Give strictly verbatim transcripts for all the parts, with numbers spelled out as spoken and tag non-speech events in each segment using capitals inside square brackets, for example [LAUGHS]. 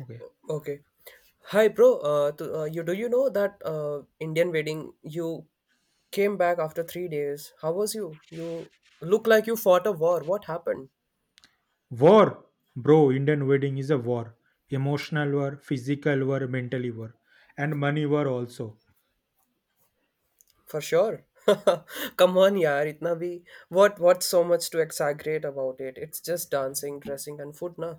Okay. Okay. Hi, bro. Uh, to, uh, you do you know that uh, Indian wedding? You came back after three days. How was you? You look like you fought a war. What happened? War, bro, Indian wedding is a war. Emotional war, physical war, mentally war, and money war also. For sure. [LAUGHS] Come on, yaar. Itna bhi. What? What's so much to exaggerate about it? It's just dancing, dressing, and food, na.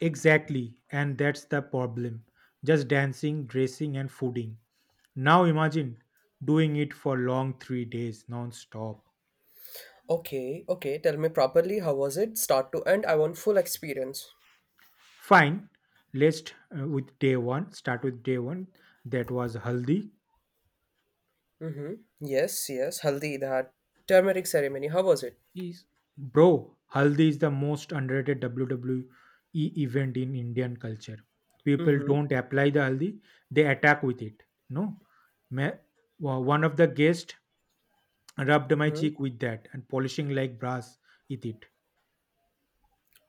Exactly, and that's the problem. Just dancing, dressing, and fooding. Now imagine doing it for long three days non-stop. Okay. Okay. Tell me properly. How was it? Start to end. I want full experience. Fine, let's uh, with day one. Start with day one. That was haldi. Mm-hmm. Yes. Yes. Haldi, that turmeric ceremony. How was it? Is bro, Haldi is the most underrated W W E event in Indian culture. People don't Mm-hmm. apply the Haldi, they attack with it. No, Ma- wa- one of the guests rubbed my Mm-hmm. cheek with that and polishing like brass with it.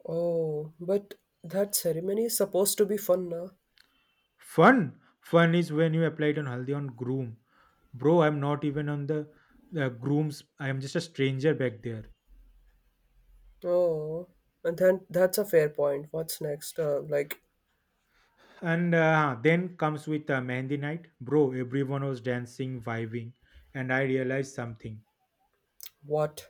Oh, but that ceremony is supposed to be fun, na? Fun, fun is when you applied on Haldi on groom. Bro, I'm not even on the, the grooms, I'm just a stranger back there. Oh, and then that's a fair point. What's next? Uh, like, And uh, then comes with uh, Mehndi night. Bro, everyone was dancing, vibing, and I realized something. what?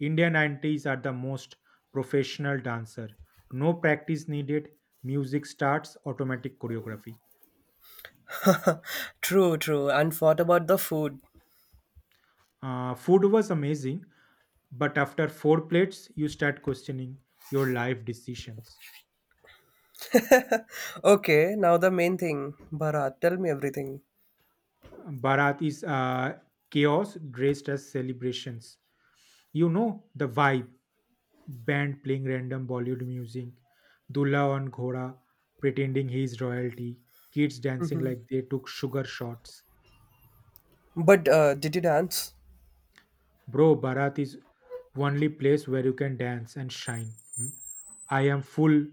Indian aunties are the most professional dancer. No practice needed. Music starts, automatic choreography. [LAUGHS] True, true. And what about the food? Uh, food was amazing, but after four plates, you start questioning your life decisions. Okay, now the main thing. Bharat, tell me everything. Bharat is uh, chaos dressed as celebrations. You know the vibe. Band playing random Bollywood music, Dulla on Ghoda pretending he is royalty, kids dancing like they took sugar shots. But uh, did you dance? Bro, Bharat is only place where you can dance and shine. Hmm? I am full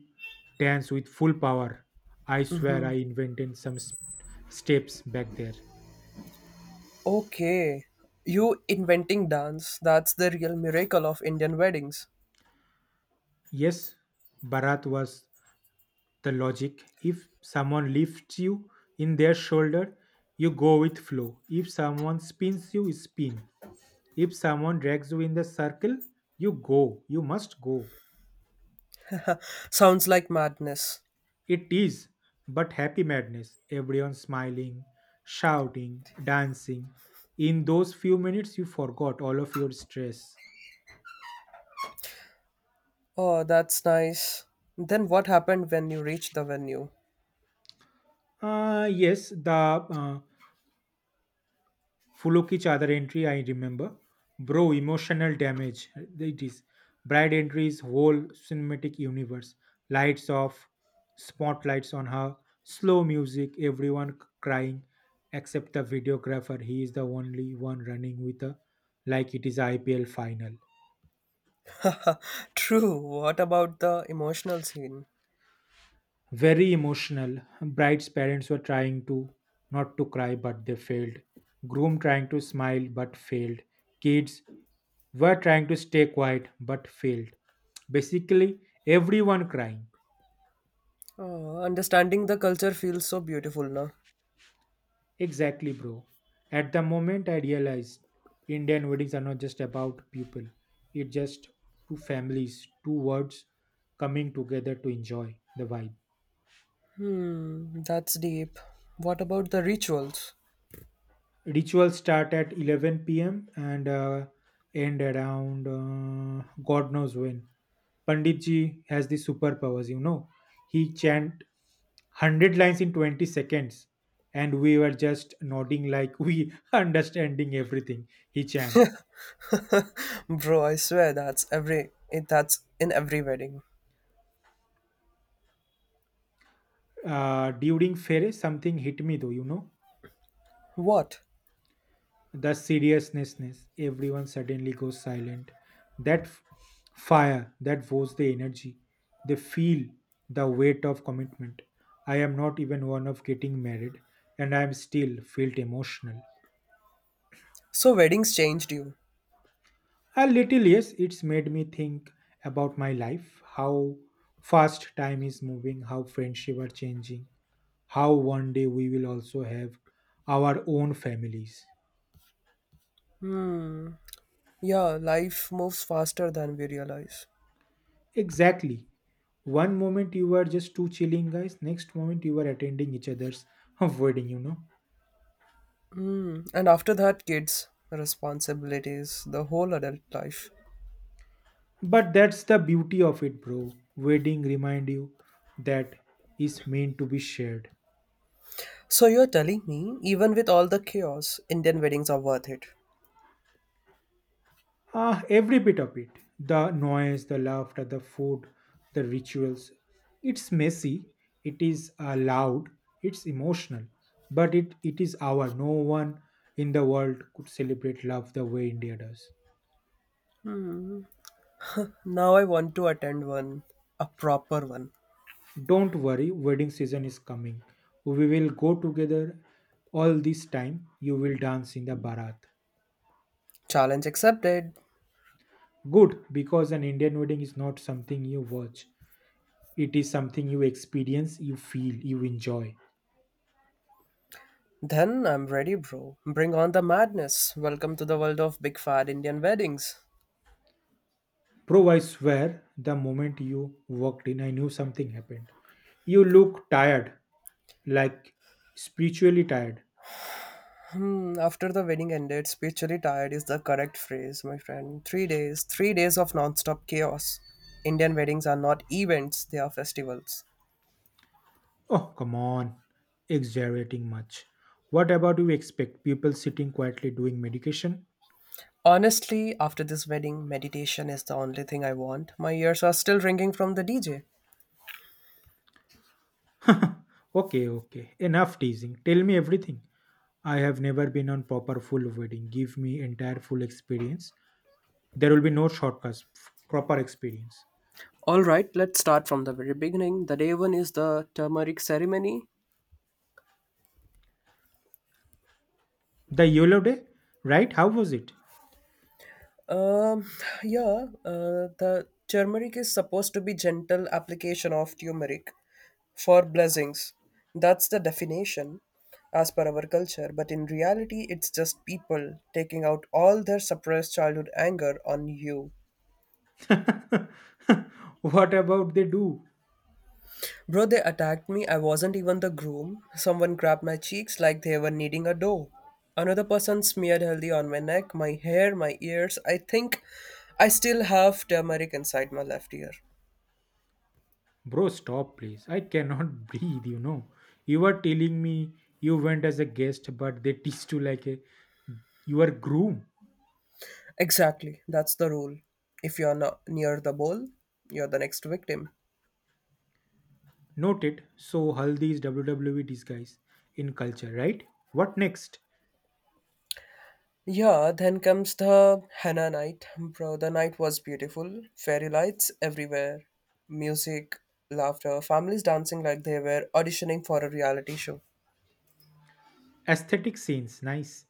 dance with full power. I swear I invented some s- steps back there. Okay. You inventing dance, that's the real miracle of Indian weddings. Yes, Bharat was the logic. If someone lifts you in their shoulder, you go with flow. If someone spins you, spin. If someone drags you in the circle, you go, you must go. Sounds like madness. It is but happy madness. Everyone smiling, shouting, dancing. In those few minutes, you forgot all of your stress. Oh, that's nice. Then what happened when you reached the venue? Uh, yes, the uh, फूलों की चादर entry I remember bro emotional damage it is bride entries whole cinematic universe lights off spotlights on her, slow music, everyone crying except the videographer. He is the only one running with a, like it is I P L final. [LAUGHS] True. What about the emotional scene? Very emotional. Bride's parents were trying to not to cry, but they failed. Groom trying to smile, but failed. Kids were trying to stay quiet, but failed. Basically, everyone crying. Oh, understanding the culture feels so beautiful now. Exactly, bro. At the moment, I realized Indian weddings are not just about people, it's just two families, two words coming together to enjoy the vibe. Hmm, that's deep. What about the rituals? Rituals start at eleven p m and uh, end around uh, God knows when. Panditji has the superpowers, you know. He chant one hundred lines in twenty seconds, and we were just nodding like we [LAUGHS] understanding everything he chant. Bro, I swear that's every it, that's in every wedding. Uh, during fairy, something hit me though, you know. What? The seriousness, everyone suddenly goes silent, that f- fire, that was the energy, they feel the weight of commitment. I am not even one of getting married, and I am still felt emotional. So weddings changed you. A little, yes, it's made me think about my life, how fast time is moving, how friendship are changing, how one day we will also have our own families. Hmm. Yeah, life moves faster than we realize. Exactly. One moment you were just two chilling guys, next moment you were attending each other's [LAUGHS] wedding, you know. And after that, kids, responsibilities, the whole adult life. But that's the beauty of it, bro. Wedding remind you that is meant to be shared. So you're telling me, even with all the chaos, Indian weddings are worth it. Ah, every bit of it. The noise, the laughter, the food, the rituals. It's messy, it is uh, loud, it's emotional, but it, it is our. No one in the world could celebrate love the way India does. Now I want to attend one. A proper one. Don't worry, wedding season is coming. We will go together all this time. You will dance in the Bharat. Challenge accepted. Good, because an Indian wedding is not something you watch. It is something you experience, you feel, you enjoy. Then I'm ready, bro. Bring on the madness. Welcome to the world of big fat Indian weddings. Bro, I swear, the moment you walked in, I knew something happened. You look tired, like spiritually tired. Hmm, after the wedding ended, spiritually tired is the correct phrase, my friend. Three days, three days of non-stop chaos. Indian weddings are not events, they are festivals. Oh, come on, exaggerating much. What about you expect people sitting quietly doing medication? Honestly, after this wedding, meditation is the only thing I want. My ears are still ringing from the D J. [LAUGHS] Okay, okay. Enough teasing. Tell me everything. I have never been on proper full wedding. Give me entire full experience. There will be no shortcuts. F- Proper experience. All right, let's start from the very beginning. The day one is the turmeric ceremony. The YOLO day, right? How was it? Um, yeah, uh, the turmeric is supposed to be gentle application of turmeric for blessings. That's the definition as per our culture, but in reality, it's just people taking out all their suppressed childhood anger on you. [LAUGHS] What about they do? Bro, they attacked me. I wasn't even the groom. Someone grabbed my cheeks like they were kneading a dough. Another person smeared healthy on my neck, my hair, my ears. I think I still have turmeric inside my left ear. Bro, stop, please. I cannot [LAUGHS] breathe, you know. You were telling me you went as a guest, but they [LAUGHS] teased you like a you are groom. Exactly, that's the rule. If you're not near the bowl, you're the next victim. Noted. So Haldi is W W E disguise in culture, right? What next? Yeah, then comes the henna night. Bro, the night was beautiful. Fairy lights everywhere, music, laughter, families dancing like they were auditioning for a reality show. Aesthetic scenes, nice.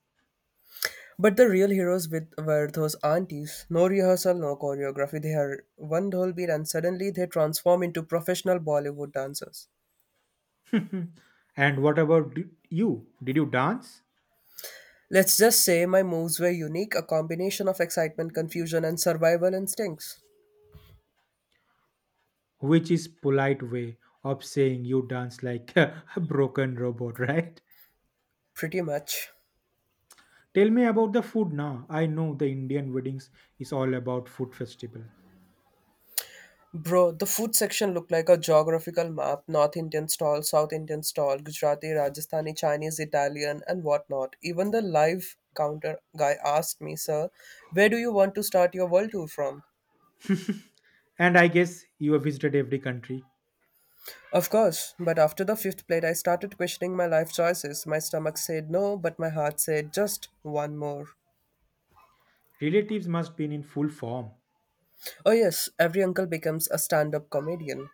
But the real heroes with were those aunties. No rehearsal, no choreography. They are one whole beat and suddenly they transform into professional Bollywood dancers. Hmm. And what about d- you? Did you dance? Let's just say my moves were unique, a combination of excitement, confusion, and survival instincts. Which is polite way of saying you dance like [LAUGHS] a broken robot, right? Pretty much. Tell me about the food now. I know the Indian weddings is all about food festival. Bro, the food section looked like a geographical map, North Indian stall, South Indian stall, Gujarati, Rajasthani, Chinese, Italian, and whatnot. Even the live counter guy asked me, "Sir, where do you want to start your world tour from?" And I guess you have visited every country. Of course, but after the fifth plate, I started questioning my life choices. My stomach said no, but my heart said just one more. Relatives must be in full form. Oh, yes, every uncle becomes a stand up comedian.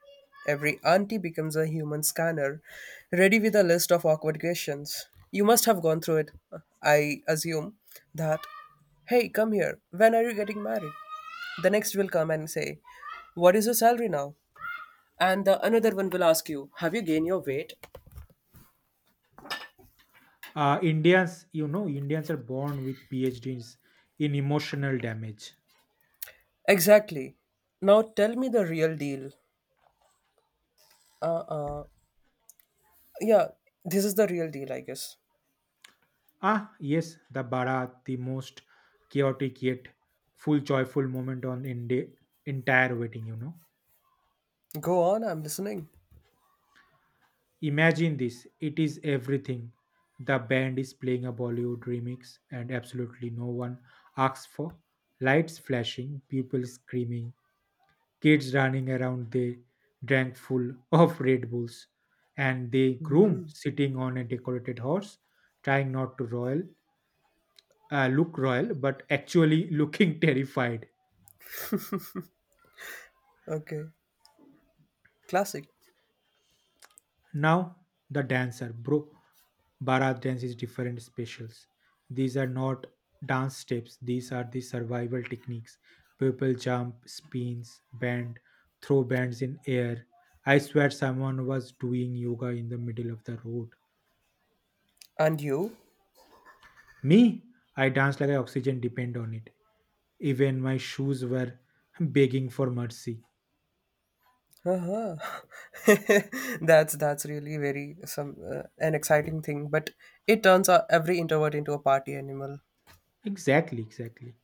Every auntie becomes a human scanner, ready with a list of awkward questions. You must have gone through it, I assume, that, "Hey, come here, when are you getting married?" The next will come and say, "What is your salary now?" And the another one will ask you, "Have you gained your weight?" Uh, Indians, you know, Indians are born with PhDs in emotional damage. Exactly. Now tell me the real deal. Uh uh. Yeah, this is the real deal, I guess. Ah, yes, the Barat, the most chaotic yet full joyful moment on in the entire wedding, you know. Go on, I'm listening. Imagine this, it is everything. The band is playing a Bollywood remix and absolutely no one asks for lights flashing, people screaming, kids running around, they drank full [LAUGHS] of Red Bulls, and the groom sitting on a decorated horse, trying not to royal uh, look royal, but actually looking [LAUGHS] terrified. Okay. Classic. Now the dancer, bro, Bharat dance is different specials. These are not dance steps. These are the survival techniques. People jump, spins, bend, throw bands in air. I swear someone was doing yoga in the middle of the road. And you? Me, I danced like I oxygen depend on it. Even my shoes were [LAUGHS] begging for mercy. Uh-huh. [LAUGHS] that's that's really very some uh, an exciting thing. But it turns out every introvert into a party animal. Exactly, exactly.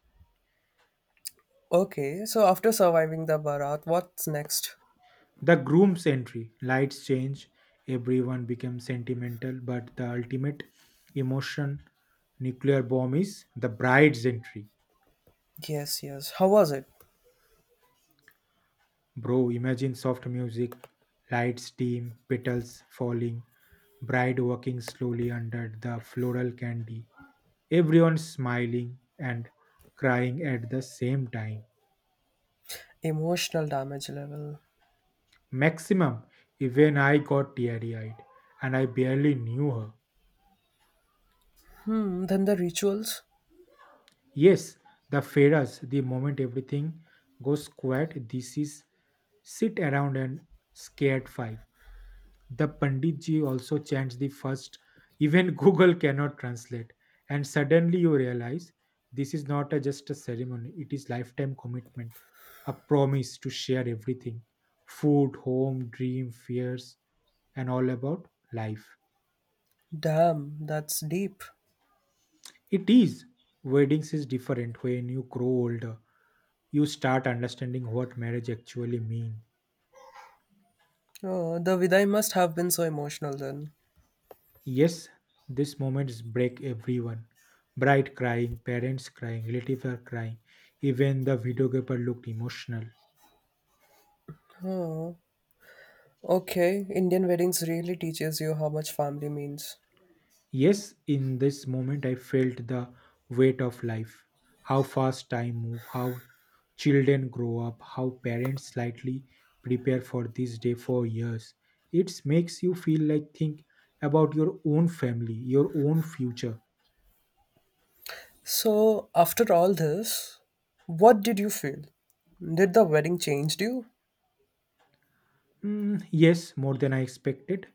Okay, so after surviving the Bharat, what's next? The groom's entry, lights change, everyone becomes sentimental, but the ultimate emotion nuclear bomb is the bride's entry. Yes, yes. How was it? Bro, imagine soft music, lights dim, petals falling, bride walking slowly under the floral candy, everyone smiling and crying at the same time. Emotional damage level. Maximum, even I got teary eyed and I barely knew her. Hmm. Then the rituals. Yes, the Feras, the moment everything goes quiet, this is sit around and scared five. The Panditji also chants the first, even [LAUGHS] Google cannot translate. And suddenly you realize this is not a, just a ceremony, it is lifetime commitment, a promise to share everything food, home, dream, fears, and all about life. Damn, that's deep. It is. Weddings is different when you grow older. You start understanding what marriage actually means. Oh, the Viday must have been so emotional then. Yes, these moments break everyone. Bride crying, parents crying, relatives are crying. Even the videographer looked emotional. Oh, okay. Indian weddings really teaches you how much family means. Yes, in this moment I felt the weight of life. How fast time moves. How children grow up, how parents slightly prepare for this day for years. It makes you feel like think about your own family, your own future. So, after all this, what did you feel? Did the wedding change you? Mm, yes, more than I expected.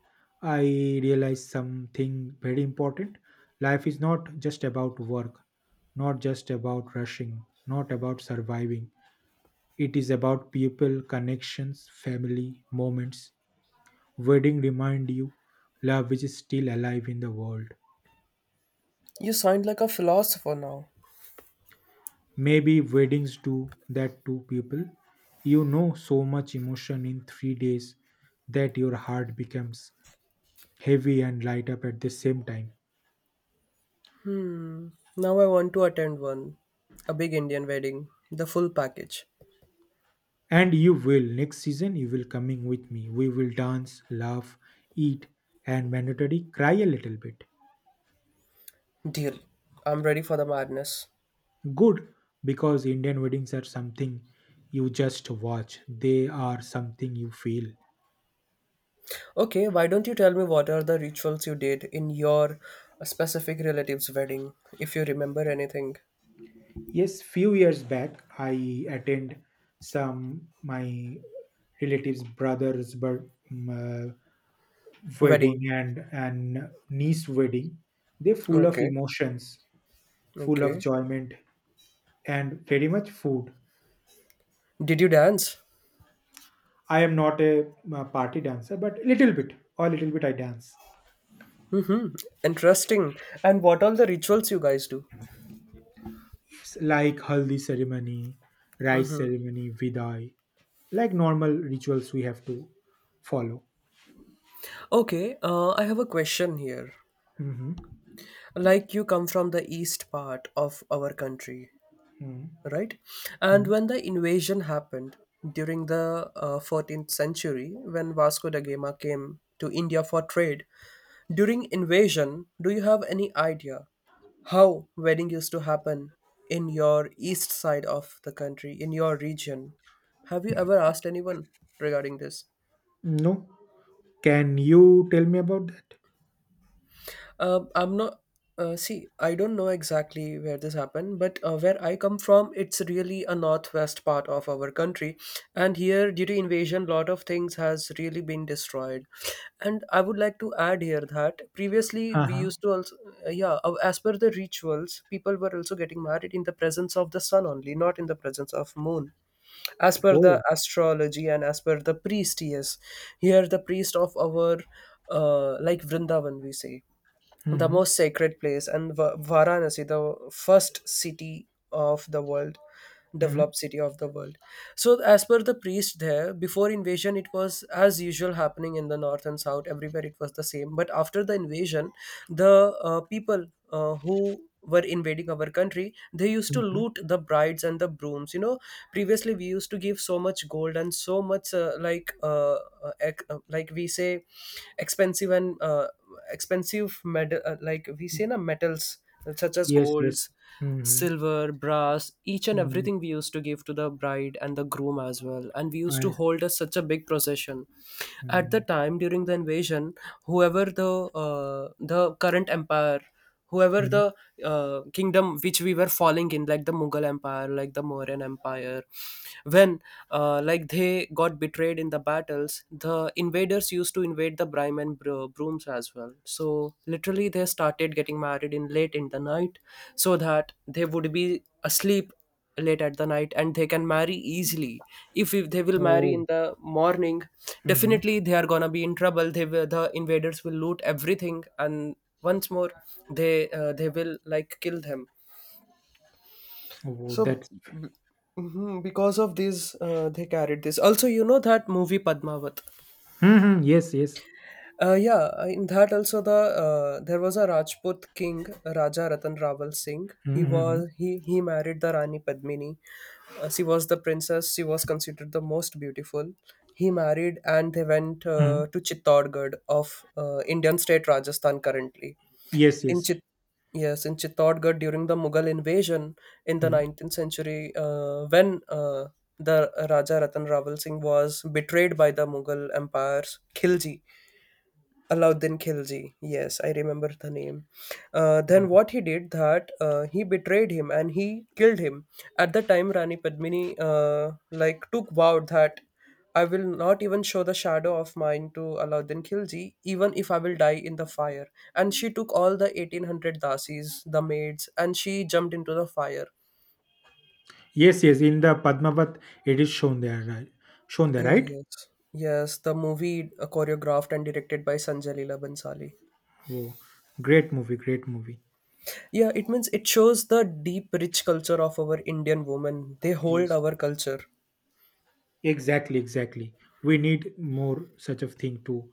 I realized something very important. Life is not just about work, not just about rushing, not about surviving. It is about people, connections, family, moments. Wedding remind you love which is still alive in the world. You sound like a philosopher now. Maybe weddings do that to people. You know so much emotion in three days that your heart becomes heavy and light up at the same time. Now I want to attend one. A big Indian wedding. The full package. And you will next season you will coming with me. We will dance, laugh, eat, and mandatory cry a little bit. Deal. I'm ready for the madness. Good, because Indian weddings are something you just watch, they are something you feel. Okay, why don't you tell me what are the rituals you did in your specific relative's wedding, if you remember anything? Yes, few years back I attend some my relatives brothers, but uh, Wedding. wedding and and niece wedding. They're full of Okay. emotions, full of Okay. enjoyment, and very much food. Did you dance? I am not a, uh party dancer, but little bit or little bit I dance. Interesting. And what all the rituals you guys do? S- like haldi ceremony, rice ceremony, vidai, like normal rituals we have to follow. Okay, uh, I have a question here. Hmm. Like you come from the east part of our country, Hmm. right? And Hmm. when the invasion happened during the uh, fourteenth century, when Vasco da Gama came to India for trade, during invasion, do you have any idea how wedding used to happen in your east side of the country, in your region? Have you ever asked anyone regarding this? No, can you tell me about that? Um, I'm not. Uh, see, I don't know exactly where this happened, but uh, where I come from, it's really a northwest part of our country, and here, due to invasion, lot of things has really been destroyed. And I would like to add here that previously we Uh-huh. used to also, uh, yeah, uh, as per the rituals, people were also getting married in the presence of the sun only, not in the presence of moon. As per the Oh. astrology and as per the priest, yes, here the priest of our, uh, like Vrindavan, we say the Hmm. most sacred place, and Va- varanasi, the first city of the world, Hmm. developed city of the world. So, as per the priest there, before invasion, it was as usual happening in the north and south. Everywhere it was the same. But after the invasion, the uh, people uh, who were invading our country, they used to Hmm. loot the brides and the brooms. You know, previously we used to give so much gold and so much uh, like uh, uh, ec- uh, like we say expensive, and uh, expensive med- uh, like we say na metals such as Yes, yes. golds, Hmm. silver, brass, each and Hmm. everything we used to give to the bride and the groom as well. And we used to I. hold a, such a big procession. At the Hmm. time during the invasion, whoever the uh, the current empire, whoever Hmm. the uh, kingdom which we were falling in, like the Mughal empire, like the Mauryan empire, when uh, like they got betrayed in the battles, the invaders used to invade the brime and bro- brooms as well, so literally they started getting married in late in the night so that they would be asleep late at the night and they can marry easily. If, if they will marry in Oh. the morning, Hmm. definitely they are gonna be in trouble. They will, the invaders will loot everything, and once more they uh, they will like kill them. Oh, so that's. b- mhm, because of this uh, they carried this also, you know that movie Padmavat? Hmm. Yes, yes. Uh, yeah, uh, in that also, the uh, there was a Rajput king, Raja Ratan Rawal Singh. He Hmm. Hmm. was he he married the Rani Padmini. Uh, she was the princess. She was considered the most beautiful. He married and they went Hmm. uh, to Chittorgarh of uh, Indian state Rajasthan currently. Yes, In yes. Chit yes, in Chittorgarh during the Mughal invasion in the Hmm. nineteenth century, uh, when uh, the Raja Ratan Rawal Singh was betrayed by the Mughal empire's Khilji, Alauddin Khilji. Yes, I remember the name. Uh, then what he did that uh, he betrayed him and he killed him. At the time, Rani Padmini uh, like took vow that, "I will not even show the shadow of mine to Alauddin Khilji, even if I will die in the fire." And she took all the eighteen hundred dasis, the maids, and she jumped into the fire. Yes, yes, in the Padmavat, it is shown there, right? Shown there, Oh right? yes, yes. The movie uh, choreographed and directed by Sanjay Leela Bhansali. Oh, great movie, great movie. Yeah, it means it shows the deep, rich culture of our Indian women. They hold Yes, our culture. exactly, exactly. We need more such of thing to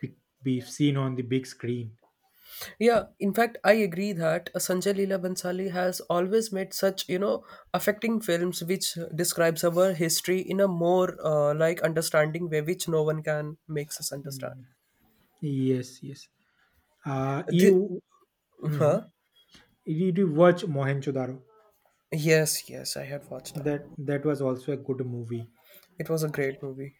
be, be seen on the big screen. Yeah, in fact, I agree that uh, Sanjay Leela Bhansali has always made such, you know, affecting films which describes our history in a more uh, like understanding way, which no one can makes us understand. Mm. Yes, yes. Uh, The, You mhm. huh? Did you watch Mohenjo-daro? Yes, yes, I had watched that. That that was also a good movie. It was a great movie.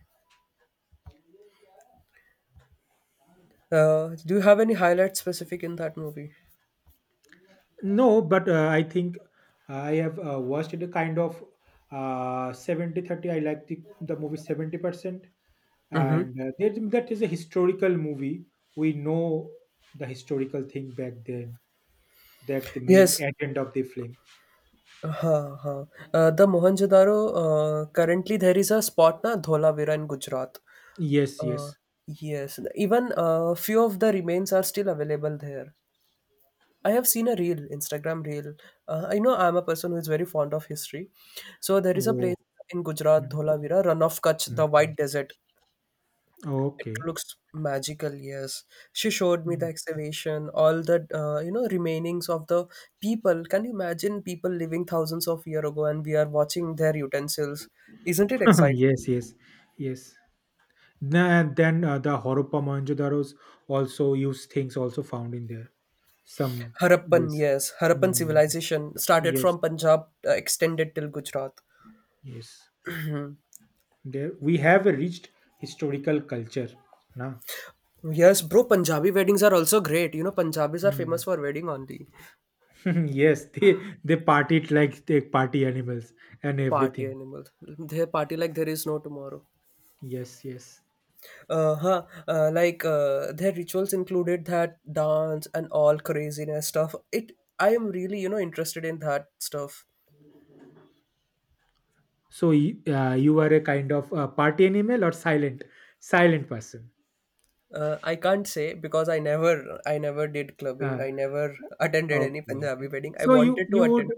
Uh, do you have any highlights specific in that movie? No, but uh, I think I have uh, watched it kind of uh seventy thirty. I like the, the movie seventy percent Mm-hmm. and uh, that, that is a historical movie. We know the historical thing back then, that the main Yes, agenda of the film. huh, huh. Uh, the Mohenjo-daro, uh, currently there is a spot na Dholavira in Gujarat. Yes, Uh, yes. yes, even uh, few of the remains are still available there. I have seen a reel, Instagram reel. Uh, I know I'm a person who is very fond of history. So there is a place Whoa. in Gujarat, Mhm, Dholavira, Run of Kutch, mhm. the White Desert. It Okay. looks magical, yes. She showed me the Mm. excavation, all the uh, you know remainings of the people. Can you imagine people living thousands of year ago and we are watching their utensils? Isn't it [LAUGHS] exciting? Yes, yes, yes. Na- And then uh, the Harappa Mohenjo-daros also use things also found in there. Some. Harappan, Yes. yes, Harappan Mm, civilization started yes, from Punjab, uh, extended till Gujarat. yes. There we have a rich historical culture, na. Yes, bro, Punjabi weddings are also great. You know, Punjabis are Hmm. famous for wedding only. [LAUGHS] Yes, they they party it like they party animals and Party everything. animal. They party like there is no tomorrow. Yes, yes. Uh huh. Uh, like uh, their rituals included that dance and all craziness stuff. It. I am really you know interested in that stuff. So y- uh, you are a kind of uh, party animal or silent silent person. Uh, I can't say because I never I never did clubbing. Uh, I never attended any okay, Punjabi okay. wedding. I So you wanted to you would attend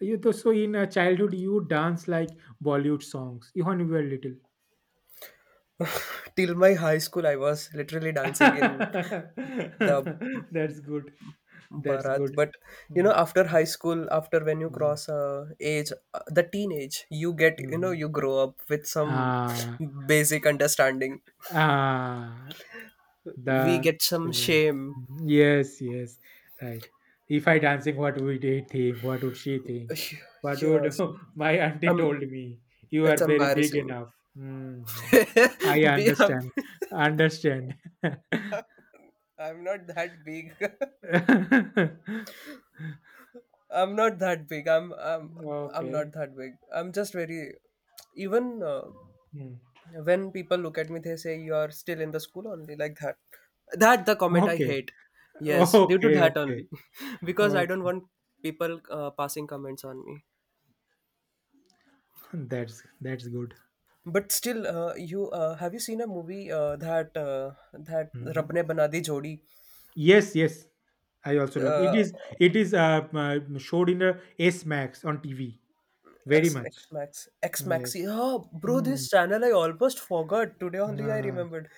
you th- so in uh, childhood you would dance like Bollywood songs. Even when you were little. till my high school. I was literally dancing in the [LAUGHS] That's good. That's Bharat. good. But you know, Mm, after high school, after when you mm, cross uh, age, uh, the teenage, you get you know mhm. you grow up with some Ah, basic understanding. ah. We The get some Shivam. shame. Yes, yes, right. If I dancing, what would he think? What would she think? [SIGHS] What would Yes. [LAUGHS] my auntie Um, told me? You it's are very big embarrassing. enough. Hmm. I [LAUGHS] Be- I'm, understand. Understand. [LAUGHS] I'm not that big. [LAUGHS] I'm not that big. I'm I'm I'm not Okay. that big. I'm just very. Even uh, Hmm. when people look at me, they say you're still in the school only like that. That the comment I Okay. hate. Yes, due to Okay. that Okay. only, [LAUGHS] because I don't Okay. want people uh, passing comments on me. That's that's good. But still, uh, you uh, have you seen a movie uh, that uh, that Rab Mhm. ne Bana Di Jodi Yes. Yes. I also love it. uh, Is it is uh, uh, showed in a S Max on T V. Very X X much. Max X Yes. Maxi? Oh, bro, Mm. this channel I almost forgot. Today only I Uh, remembered.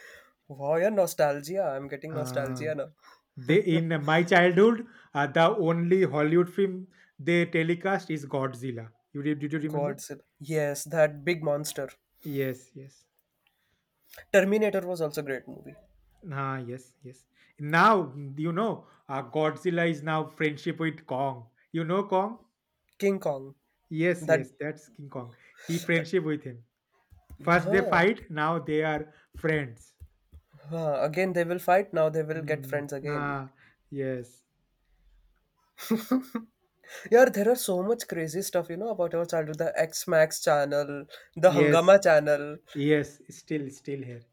Wow, yeah, nostalgia. I'm getting uh, nostalgia now. they in my childhood, uh, the only Hollywood film they telecast is Godzilla. You did? Did you [LAUGHS] remember? Godzilla. Yes, that big monster. Yes. Yes. Terminator was also a great movie. Ah, yes, yes. Now mm, you know uh, Godzilla is now friendship with Kong. You know Kong? King Kong. Yes, That. yes. That's King Kong. He friendship with him. First they Huh, fight. Now they are friends. huh. Again, they will fight. Now they will get Mm, friends again. ah, yes, Yeah, there are so much crazy stuff, you know, about our childhood. The X Max channel, the yes, Hangama channel, yes. Still, still here.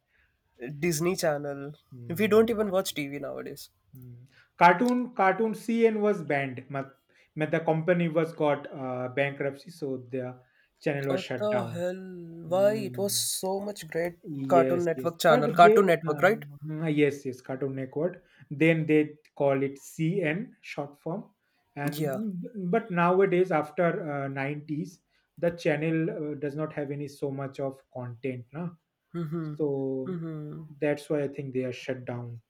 Disney channel. We Hmm. don't even watch T V nowadays. Mm. Cartoon Cartoon C N was banned. Ma- ma- The company was got uh, bankruptcy, so the channel was What shut the down. hell? Why? It Hmm. was so much great Cartoon Yes, yes. Network But channel. Cartoon they, Network, right? um, mm, yes, yes, Cartoon Network. Then they call it C N short form. Yeah. And but nowadays, after uh, nineties, the channel uh, does not have any so much of content, na? Mm-hmm. So Mm-hmm. that's why I think they are shut down.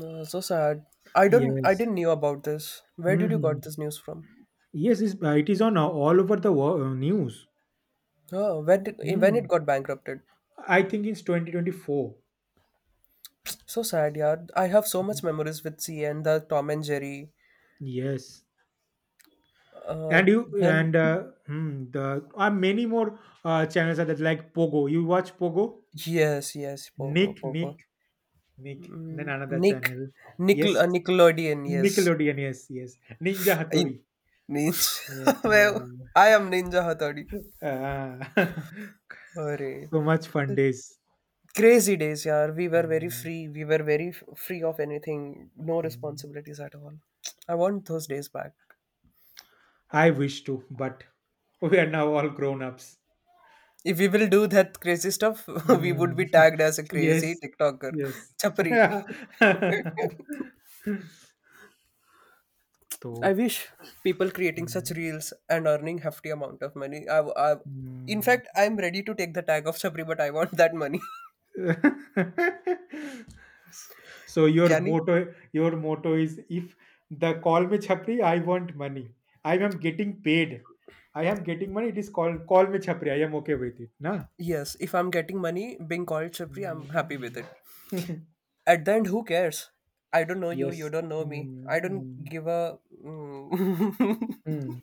Uh, so sad. I don't I Yes. didn't knew about this. Where Hmm. did you Hmm. got this news from? Yes, it's, uh, it is on uh, all over the wo- uh, news. Oh, when did, when it Hmm. got bankrupted. I think it's twenty twenty-four. So sad, yeah. I have so much Mhm. memories with C N, the Tom and Jerry. Yes. Uh, And you then, and uh, hmm, the are many more uh, channels are that like Pogo. You watch Pogo? yes, yes, Pogo, Nick, Pogo. Nick, Nick. Then another Nick, channel. Nickel, Yes. uh, Nickelodeon, yes. Nickelodeon. Yes, yes. Ninja In, Hattori. means, Yeah. [LAUGHS] well, I am Ninja Hattori. Ah. Hooray. [LAUGHS] So much fun days. Crazy days, yeah. We were very Mm, free. We were very f- free of anything. No mm. responsibilities at all. I want those days back. I wish to, but [LAUGHS] we are now all grown ups. If we will do that crazy stuff, [LAUGHS] we would Mm. be tagged [LAUGHS] as a crazy Yes. TikToker. Yes. [LAUGHS] Chapri. I Thought. wish people creating such Mm. reels and earning hefty amount of money. I, I, in Mm. fact, [LAUGHS] I'm ready to take the tag of Chapri, but I want that money. So [LAUGHS] your Can you? motto, your motto is if the call me chhapri, I want money. I am getting paid. I am getting money. It is called call me chhapri. I am okay with it. Na. Yes, if I'm getting money being called Chapri, I'm happy with it. Mm. At the end, who cares? I don't know [LAUGHS] you, you Yes. don't know me. Mm, I don't mm, give a mm, mm,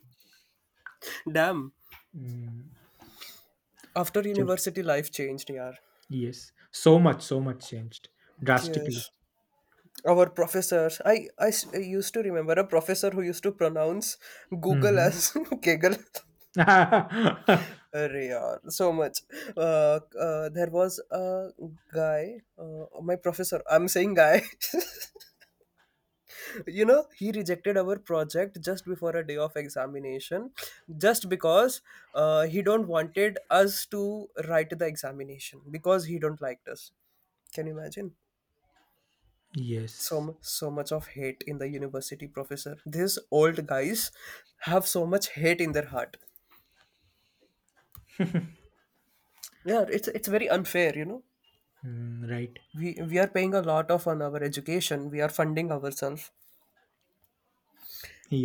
[LAUGHS] damn. mm. After चलो, university, life changed, yeah. yes. So much, so much changed drastically. Yes. Our professors. I, I s- I used to remember a professor who used to pronounce Google Mhm. as [LAUGHS] Kegel. [LAUGHS] अरे यार so much uh, uh, there was a guy, uh, my professor, I'm saying guy. [LAUGHS] You know he rejected our project just before a day of examination just because uh, he don't wanted us to write the examination because he don't liked us. Can you imagine so Yes. mu- so much of hate in the university professor? These old guys have so much hate in their heart. Yeah, it's it's very unfair you know Mm, right. we we are paying a lot of on our education. We are funding ourselves,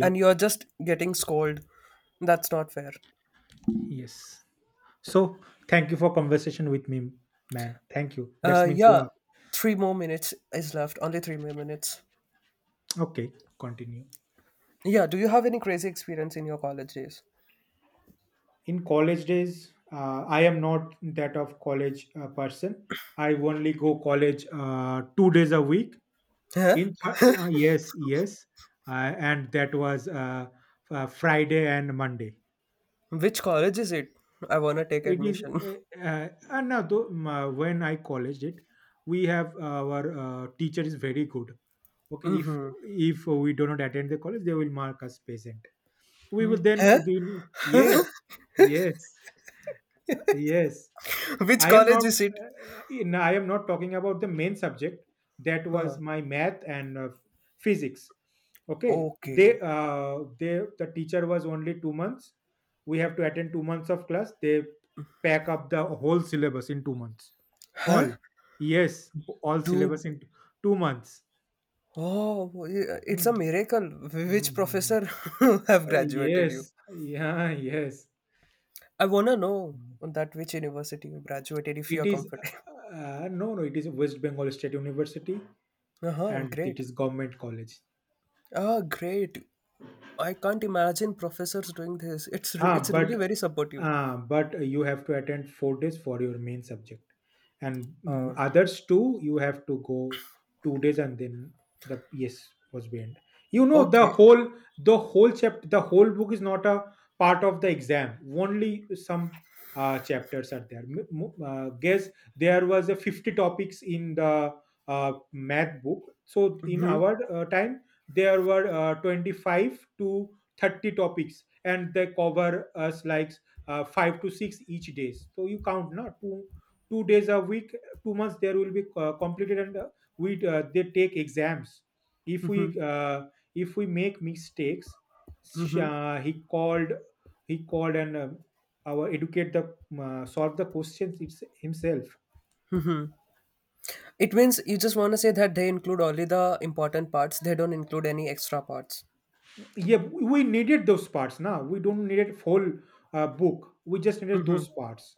and you're just getting scolded. That's not fair. Yes. So thank you for conversation with me, man. Thank you. uh That means a Yeah, lot. three more minutes is left. Only three more minutes. Okay. Continue. Yeah, do you have any crazy experience in your college days? In college days, uh, I am not that of college uh, person. I only go college uh, two days a week. Huh? In th- uh, yes, yes, uh, and that was uh, uh, Friday and Monday. Which college is it? I wanna take It is admission. uh, uh, and now though um, uh, when I college it, we have uh, our uh, teacher is very good. Okay, if if we do not attend the college, they will mark us present. We will [LAUGHS] then, Huh? then yes, yes, yes. Which I am college not. is it? Uh, in, I am not talking about the main subject. That Huh. was my math and uh, physics. Okay, Okay. they uh, they the teacher was only two months. We have to attend two months of class. They pack up the whole syllabus in two months. Huh. All yes, all Dude, syllabus in t- two months. oh yeah, it's a Hmm. miracle. Which Hmm, hmm, hmm. professor [LAUGHS] have Uh, graduated you? Yes, yeah, yes. I wanna know on that which university you graduated if you're It is comfortable. Uh, uh, no, no. It is West Bengal State University, [LAUGHS] Uh-huh, and it great. is government college. Ah, great. I can't imagine professors doing this. It's re- Ah, it's really but very supportive. uh, but you have to attend four days for your main subject, and mm Uh, others too you have to go two days, and then the yes was banned. you know the okay. whole the whole chapter, the whole book is not a part of the exam, only some uh, chapters are there. M- mo- uh, guess there was a fifty topics in the uh, math book. So in our uh, time there were uh, twenty-five to thirty topics, and they cover us like uh, five to six each days. So you count now two two days a week, two months there will be uh, completed, and uh, we uh, they take exams. If we uh, if we make mistakes, sh- uh, he called he called and uh, our educate the uh, solve the questions it's himself. It means you just want to say that they include only the important parts. They don't include any extra parts. Yeah, we needed those parts. Now we don't need a whole uh, book. We just needed those parts.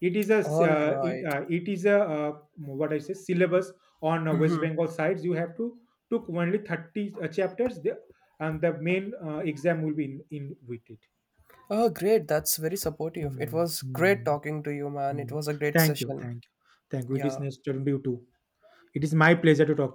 It is a s- All uh, it, right. uh, it is a uh, what I say syllabus on uh, West Bengal sides. You have to took only thirty uh, chapters, the, and the main uh, exam will be in, in with it. Oh, great. That's very supportive. It Hmm, was great hmm, talking to you, man. It hmm. was a great Thank you, session. thank you, thank you. It is Yeah. nice talking to meet you too. It is my pleasure to talk to